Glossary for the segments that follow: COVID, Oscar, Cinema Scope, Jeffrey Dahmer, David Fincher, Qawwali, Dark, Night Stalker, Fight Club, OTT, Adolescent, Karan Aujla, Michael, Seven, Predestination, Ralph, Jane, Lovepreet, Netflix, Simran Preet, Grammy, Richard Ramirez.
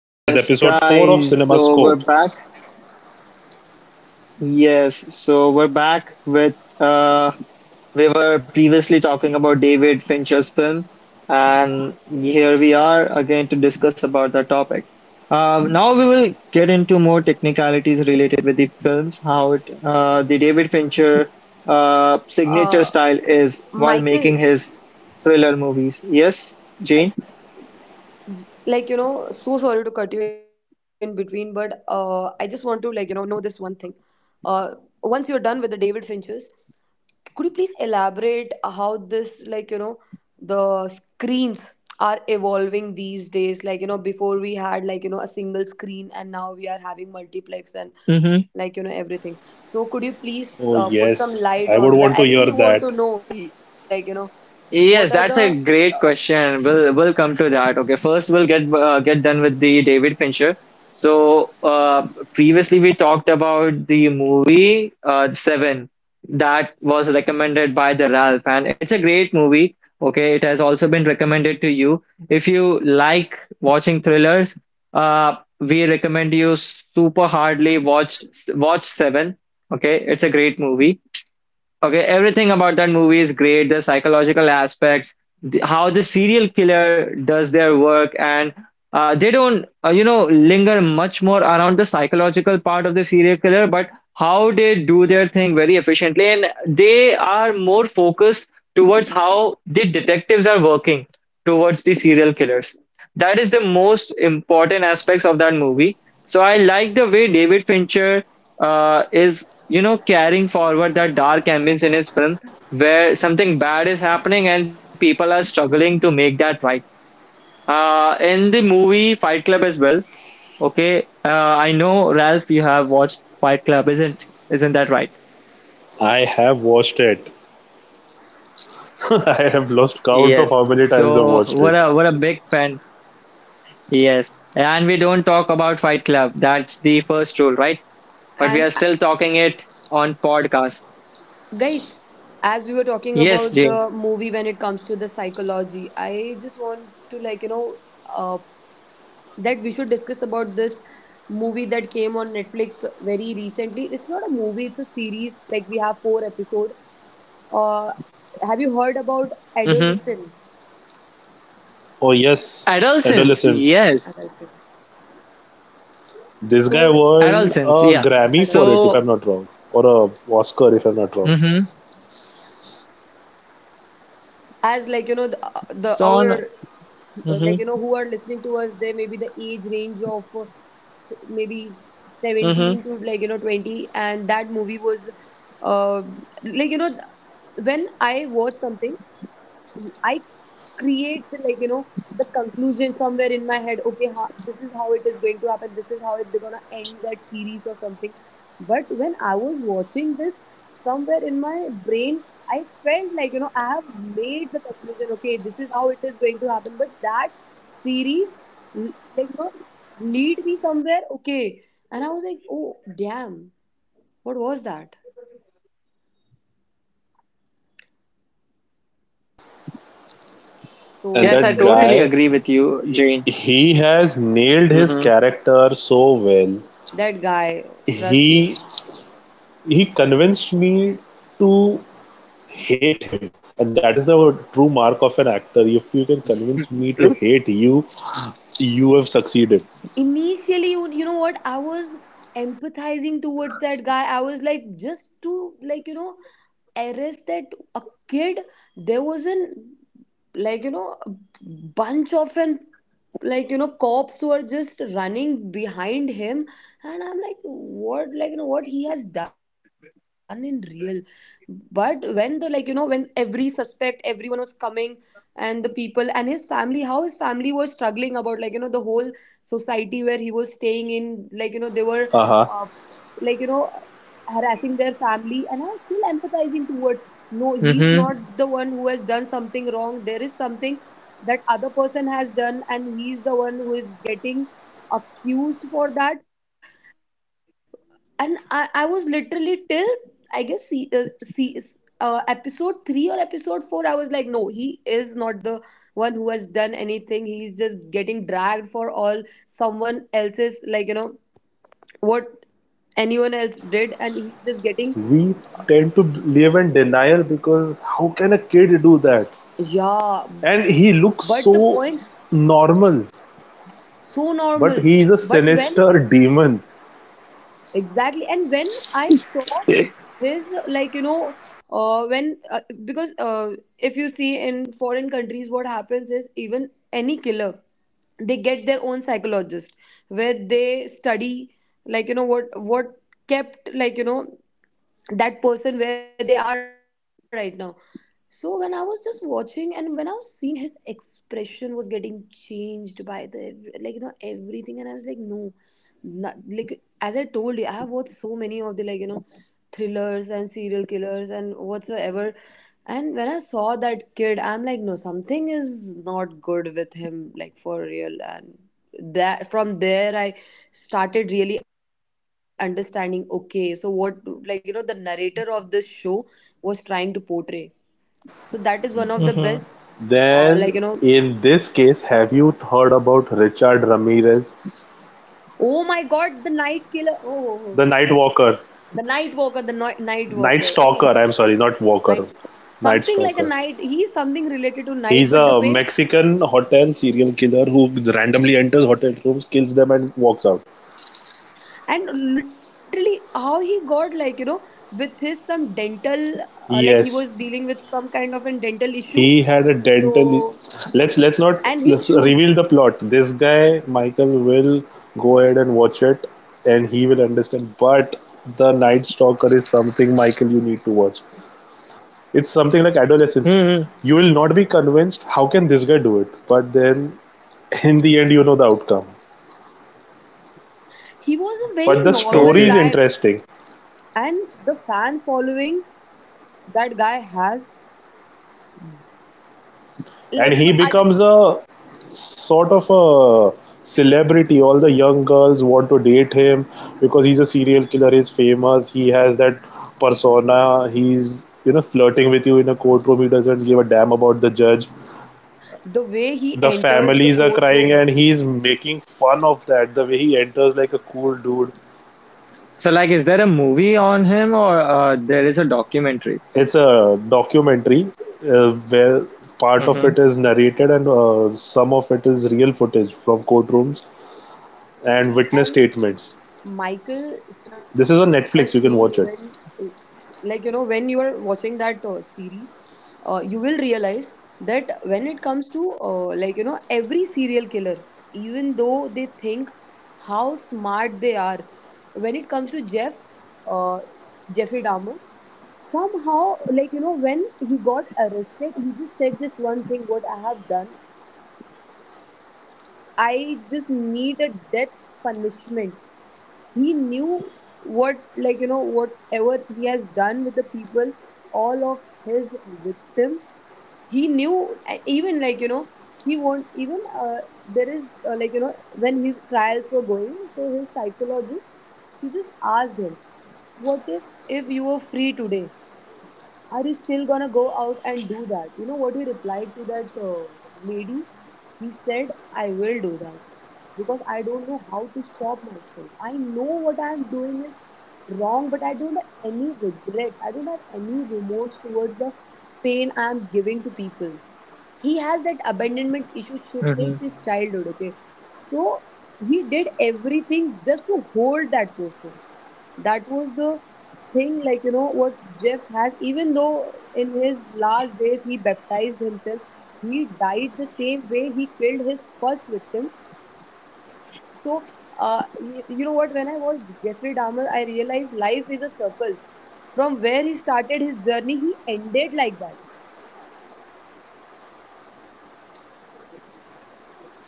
This is episode 4 of guys. Cinema So Scope. we're back. Yes, so we're back with we were previously talking about David Fincher's film, and here we are again to discuss about the topic. Now we will get into more technicalities related with the films, how it the David Fincher signature uh, style is while making Michael, his thriller movies. Yes, Jane? j- like, you know, so sorry to cut you in between, but I just want to, know this one thing. Uh, Once you're done with the David Finches, could you please elaborate how this, like, you know, the screens are evolving these days? Like, you know, before we had, a single screen and now we are having multiplex and, Mm-hmm. Everything. So, could you please Oh, put some yes, light I would onto that? want to I hear really want that. to know, what are the Yes, that's a great question. We'll come to that. Okay, first we'll get done with the David Fincher. So previously we talked about the movie Seven that was recommended by the Ralph, and it's a great movie. Okay, it has also been recommended to you. If you like watching thrillers, we recommend you super hardly watch Seven. Okay, it's a great movie. Okay, everything about that movie is great. The psychological aspects, the, how the serial killer does their work, and they don't, linger much more around the psychological part of the serial killer, but how they do their thing very efficiently, and they are more focused towards how the detectives are working towards the serial killers. That is the most important aspects of that movie. So I like the way David Fincher is carrying forward that dark ambience in his film, where something bad is happening and people are struggling to make that right. In the movie Fight Club as well. Okay, I know Ralph, you have watched Fight Club, isn't that right? I have watched it. I have lost count of Yes. how many times I've So watched it. what a big fan. Yes. And we don't talk about Fight Club. That's the first rule, right? But we and are still talking it on podcast. guys as we were talking Yes, about the Jane. movie. When it comes to the psychology, I just want to, uh, that we should discuss about this movie that came on Netflix very recently. It's not a movie, it's a series. Like, we have four episode. uh have you heard about Mm-hmm. adolescent? Oh yes, Adolescence. Adolescent. Yes. Adolescent, This so guy won Adolescence. a Yeah. Grammy for adolescent. it, if So. I'm not wrong, or a Oscar, if I'm not wrong. Mm-hmm. As like you know the So on. our like you know Mm-hmm. who are listening to us, they may be the age range of maybe 17 Mm-hmm. to 20. And that movie was, uh, like you know th- when I watch something, I create the like you know the conclusion somewhere in my head. Okay, ha, this is how it is going to happen, this is how they're gonna end that series or something. But when I was watching this, somewhere in my brain, I felt, I have made the conclusion. Okay, this is how it is going to happen, but that series like you know lead me somewhere. Okay, and I was like, oh damn, what was that? so And Yes, I that w- w- totally guy, agree with you, Jane. he has nailed his Mm-hmm. character so well. that guy, trust me, He he convinced me to hate him, and that is the true mark of an actor. If you can convince me to hate you, you have succeeded. initially, you know what I was, empathizing towards that guy. I was like, just to, like you know arrest that a kid. There was an like you know a bunch of an like you know cops who are just running behind him. And I'm like, what, like you know what he has done in real? But when the like you know when every suspect, everyone was coming, and the people and his family, how his family was struggling about, like you know, the whole society where he was staying in, like you know, they were Uh huh. uh, like you know harassing their family. And I was still empathizing towards, no, he's not Mm-hmm. the one who has done something wrong. There is something that other person has done and he's the one who is getting accused for that. And I was literally till, I guess, see episode 3 or episode 4. I was like, no, he is not the one who has done anything, he's just getting dragged for all someone else's, like you know, what anyone else did. And he's just getting. We tend to live in denial because how can a kid do that? Yeah, but And the he point. Yeah, looks so normal, so normal. but But he is a when, sinister demon. exactly, and when I saw his, like you know, when because if you see in foreign countries, what happens is, even any killer, they get their own psychologist where they study, like you know what kept, like you know, that person where they are right now. So when I was just watching and when I was seeing his expression was getting changed by the everything, and I was like, no. Not, like, as I told you, I have watched so many of the, like you know, thrillers and serial killers and whatsoever. And when I saw that kid, I'm like, no, something is not good with him, like for real. And that from there, I started really understanding. Okay, so what, like you know, the narrator of this show was trying to portray. So that is one of the best, Mm-hmm. uh, like you know, Then, in this case, have you heard about Richard Ramirez, oh my God, the night killer, oh, oh, oh, the Night Walker, the night walker, the night Night walker, oh Stalker? my I'm God, sorry, not Walker, night, Night something like a Stalker. night. He's something related to He's night, a but the way, Mexican hotel serial killer who randomly enters hotel rooms, kills them, and walks out. and literally how he got, like you know, with his some dental, like, he Yes, was dealing with some kind of a dental issue. he had a dental. So, Let's not and Let's his reveal the shoes, plot. This guy Michael will go ahead and watch it, and he will understand. But the Night Stalker is something Michael you need to watch. It's something like adolescence. Mm-hmm. You will not be convinced. How can this guy do it? But then, in the end, you know the outcome. he was a very But the normal story is Okay. guy. interesting, And the fan following that guy has, and like you he know I becomes a sort of a celebrity. All the young girls want to date him because he's a serial killer. He's famous. He has that persona. He's you know flirting with you in a courtroom. He doesn't give a damn about the judge. the way he The enters the families are courtroom. crying, and he's making fun of that. The way he enters like a cool dude. So like, is there a movie on him, or there is a documentary? It's a documentary, where part of Mm-hmm. it is narrated and some of it is real footage from courtrooms and witness And statements. Michael, trust This is on me, when, Netflix. You can watch it. like you know, when you are watching that series, you will realize that when it comes to, every serial killer, even though they think how smart they are, when it comes to uh, Jeffrey Dahmer, somehow, like you know, when he got arrested, he just said this one thing: "What I have done, I just need a death punishment." He knew what, like you know, whatever he has done with the people, all of his victim, he knew. And even, like you know, he won't even, there is, when his trials were going, so his psychologist, she just asked him, what if, you were free today, are you still gonna go out and do that? You know what he replied to that lady? He said, I will do that because I don't know how to stop myself. I know what I'm doing is wrong, but I don't have any regret. I don't have any remorse towards the pain I'm giving to people. He has that abandonment issue Mm-hmm. since his childhood, okay? So he did everything just to hold that person. That was the thing, like you know, what Jeff has. Even though in his last days he baptized himself, he died the same way he killed his first victim. So, you know what, when I watched Jeffrey Dahmer, I realized life is a circle. From where he started his journey, he ended like that.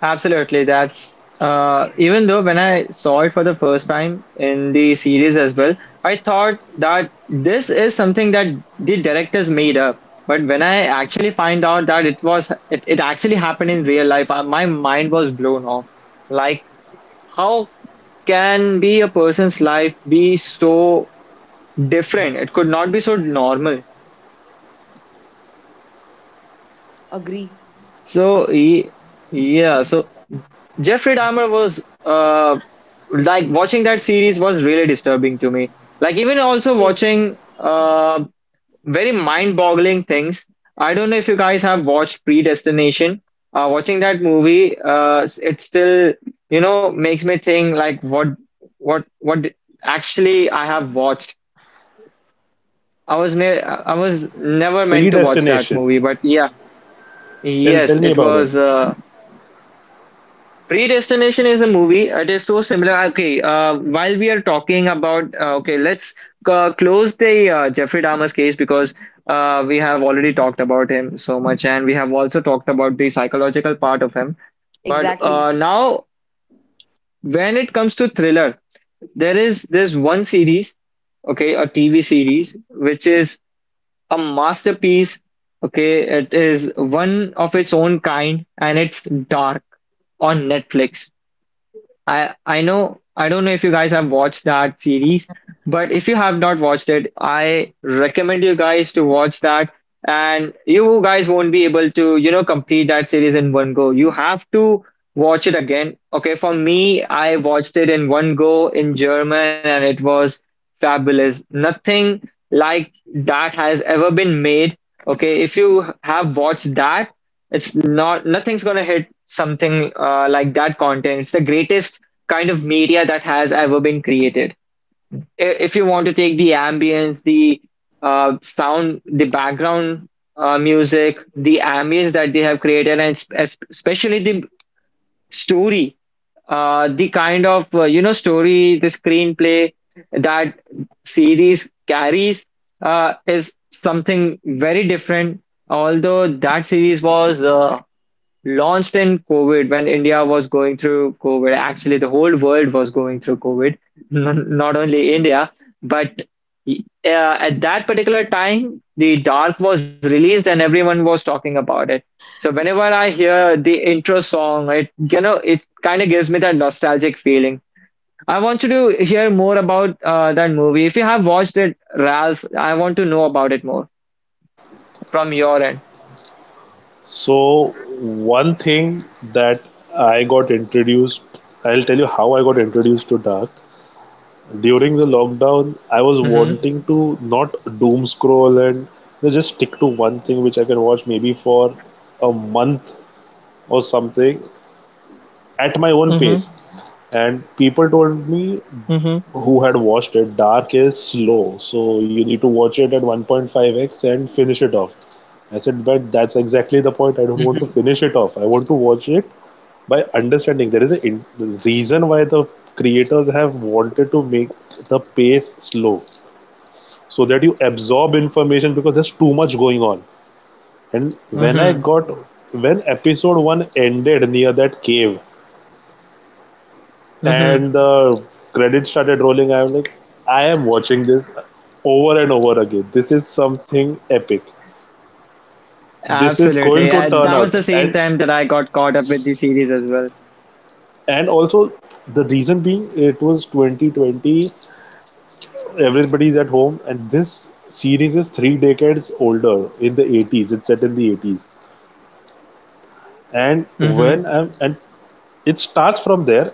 Absolutely. That's even though when I saw it for the first time in the series as well, I thought that this is something that the directors made up. But when I actually find out that it was it actually happened in real life, my mind was blown off. Like, how can be a person's life be so different? It could not be so normal. Agree, So ye- yeah, so Jeffrey Dahmer was like watching that series was really disturbing to me. Like even also same watching very mind-boggling things. I don't know if you guys have watched Predestination. Watching that movie, it still makes me think like what actually I have watched. I was never meant to watch that Predestination, movie, but yeah, tell tell yes, me it about it. was Predestination is a movie. It is so similar. Okay, while we are talking about, okay, let's close the Jeffrey Dahmer's case, because we have already talked about him so much, and we have also talked about the psychological part of him. But exactly. now, when it comes to thriller, there is this one series, okay, a TV series, which is a masterpiece. Okay, it is one of its own kind, and it's Dark on Netflix. I don't know if you guys have watched that series, but if you have not watched it, I recommend you guys to watch that. And you guys won't be able to, you know, complete that series in one go. You have to watch it again. Okay, for me, I watched it in one go in German and it was fabulous. Nothing like that has ever been made. Okay, if you have watched that, it's not nothing's gonna hit something like that content. It's the greatest kind of media that has ever been created. I- If you want to take the ambience, the sound, the background music, the ambience that they have created, and especially the story, the kind of story, the screenplay that series carries is something very different. Although that series was launched in COVID when India was going through COVID. Actually, the whole world was going through COVID, not only India, but at that particular time, the Dark was released and everyone was talking about it. So whenever I hear the intro song, it it kind of gives me that nostalgic feeling. I want you to hear more about that movie. If you have watched it, Ralph, I want to know about it more from your end. So one thing that I got introduced I'll tell you how I got introduced to Dark. During the lockdown, I was Mm-hmm. wanting to not doom scroll and, you know, just stick to one thing which I can watch maybe for a month or something at my own pace. Mm-hmm. And people told me Mm-hmm. who had watched it, Dark is slow, so you need to watch it at 1.5x and finish it off. I said, but that's exactly the point. I don't hmm want to mm finish it off. I want to watch it by understanding. There is a reason why the creators have wanted to make the pace slow so that you absorb information because there's too much going on. And hmm mm when I hmm got when episode one ended near that cave, Mm-hmm. and the credits started rolling. I'm like, I am watching this over and over again. This is something epic. This is going Absolutely. to And turn that was out. the same and time that I got caught up with the series as well. and also the reason being it was 2020. Everybody's at home, and this series is three decades older in the eighties. It's set in the eighties, and hmm when I'm and it starts from there.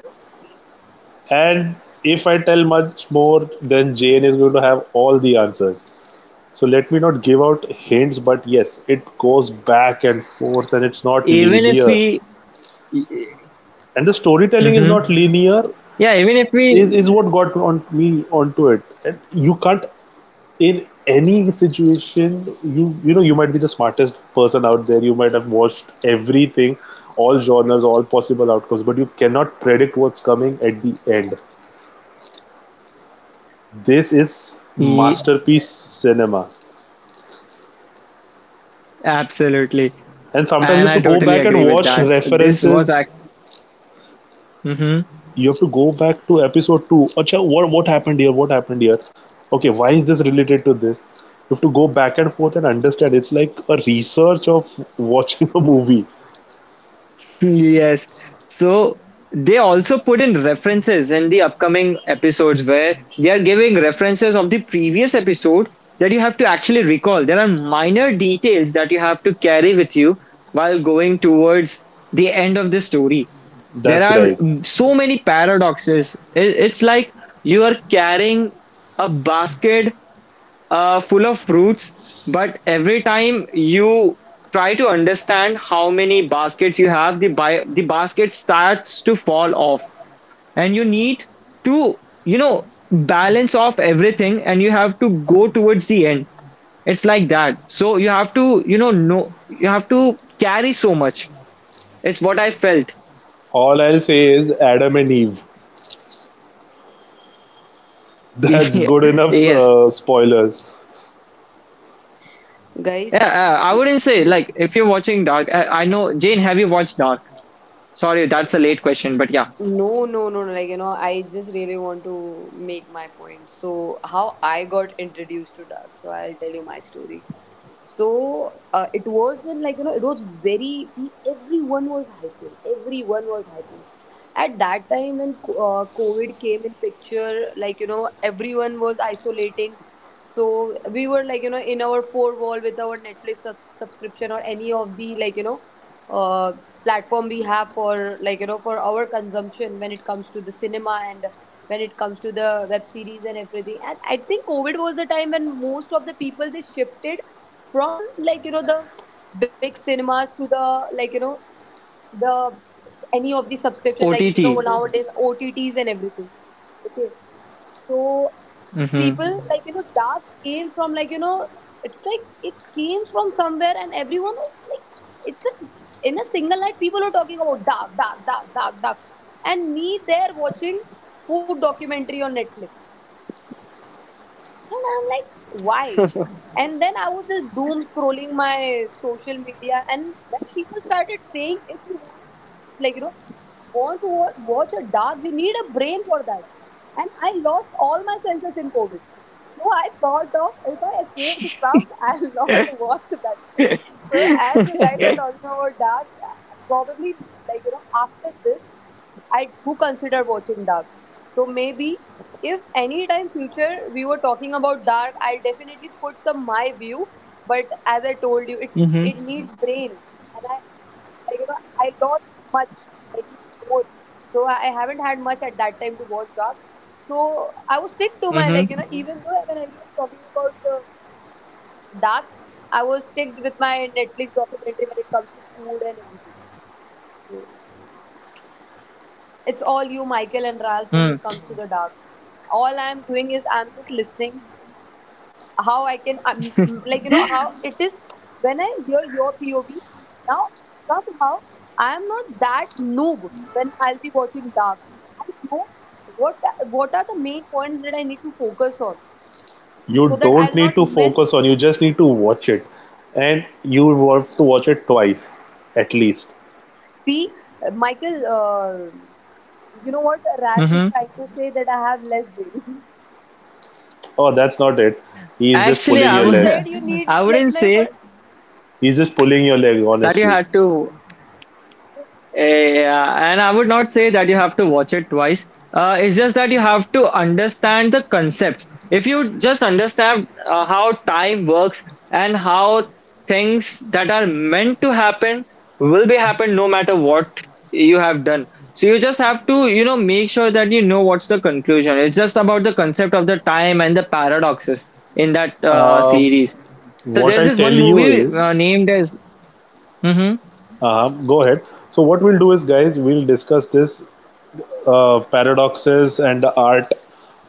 And if I tell much more, then Jane is going to have all the answers. So let me not give out hints, but yes, it goes back and forth and it's not Even if linear. we, And the storytelling is hmm not linear, yeah, even if we, is what got on me onto it. And you can't, in any situation, you know, you might be the smartest person out there, you might have watched everything, all genres, all possible outcomes, but you cannot predict what's coming at the end. This is Ye- masterpiece cinema. absolutely. And sometimes you And have I to go totally back and agree with watch that. References. Hmm You have to go back to episode 2. Acha, what happened here, what happened here, okay, why is this related to this? You have to go back and forth and understand. It's like a research of watching a movie. yes. So they also put in references in the upcoming episodes where they are giving references of the previous episode that you have to actually recall. There are minor details that you have to carry with you while going towards the end of the story. There That's are right. So many paradoxes. It- It's like you are carrying a basket full of fruits, but every time you try to understand how many baskets you have, the basket starts to fall off, and you need to, you know, balance off everything, and you have to go towards the end. It's like that. So you have to, you know, no, you have to carry so much. It's what I felt. All I'll say is Adam and Eve. That's good enough Yes, spoilers. yeah, Guys, I wouldn't say you. like if you're watching Dark. I know Jane. Have you watched Dark? Sorry, that's a late question, but yeah, No, no, no, no. Like, you know, I just really want to make my point. So, how I got introduced to Dark. So, I'll tell you my story. So it wasn't like, you know, it was very, everyone was hyping. Everyone was hyping. At that time when COVID came in picture, like, you know, everyone was isolating. So we were like, you know, in our four wall with our Netflix subscription or any of the, like, you know, uh, platform we have for, like, you know, for our consumption when it comes to the cinema and when it comes to the web series and everything. And I think COVID was the time when most of the people they shifted from, like you know, the big cinemas to the, like you know the any of the subscription, like you know, OTT. nowadays OTTs and everything. Okay, so Mm-hmm. people, like you know, that came from, like you know, it's like it came from somewhere and everyone was like, it's a, in a single night people were talking about dark, dark, dark, dark, dark. And me there watching food documentary on Netflix. And I'm like, why? And then I was just doom scrolling my social media. And when people started saying, if you want, like, you know, want to watch a dark, you need a brain for that. And I lost all my senses in COVID. So I thought of, if I saved some, I'll not watch that. So as you guys are talking about dark, probably, like you know, after this, I do consider watching dark. So maybe if any time future we were talking about dark, I'll definitely put some my view. But as I told you, Mm-hmm. it needs brain, and I like you know I lost much, many, more. So I haven't had much at that time to watch dark. So I was stick to my, Mm-hmm. like you know, Mhm, even though when everyone was talking about the dark, I was stick with my Netflix documentary when it comes to food and everything. So it's all you, Michael and Ralph, when it comes to the dark. All I'm doing is I'm just listening how I can, like, you know, how it is when I hear your POV. Now, somehow, I am not that noob when I'll be watching Dark. I know what what are the main points that I need to focus on, You so that don't I'll need not to miss. focus on, you just need to watch it. And you have to watch it twice at least. See, Michael, you know what Ralph is Mm-hmm. trying to say, that I have less brain. Oh, that's not it. He is just Actually, pulling I your You leg. would. said you need, I like you wouldn't know, for. say He's just pulling your leg, that you honestly. had to Eh, yeah, and I would not say that you have to watch it twice. It's just that you have to understand the concepts. If you just understand how time works, and how things that are meant to happen will be happen no matter what you have done. So you just have to, you know, make sure that you know what's the conclusion. It's just about the concept of the time and the paradoxes in that um series. So what there's I'll this tell one you movie is, named as. Mm-hmm, go ahead. So what we'll do is, guys, we'll discuss this paradoxes and the art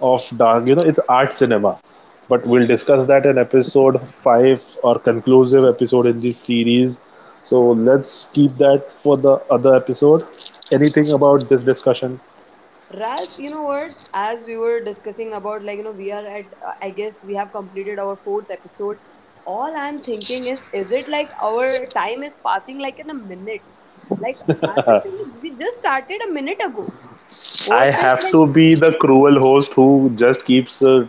of Dark. You know, it's art cinema, but we'll discuss that in episode five or conclusive episode in this series. So let's keep that for the other episode. Anything about this discussion? Ralph, you know what? As we were discussing about, like, you know, we are at, I guess we have completed our fourth episode. All I'm thinking is it like our time is passing like in a minute? Like, honestly, we just started a minute ago. I What is have like? to be the cruel host who just keeps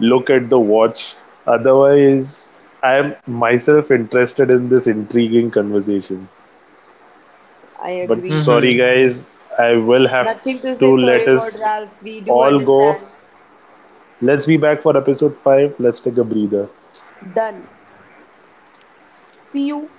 look at the watch. Otherwise, I am myself interested in this intriguing conversation. I But agree. sorry, mm-hmm. guys, I will have Nothing to say to sorry let about, us Ralph. We do all go. understand. Let's be back for episode 5. Let's take a breather. Done. See you.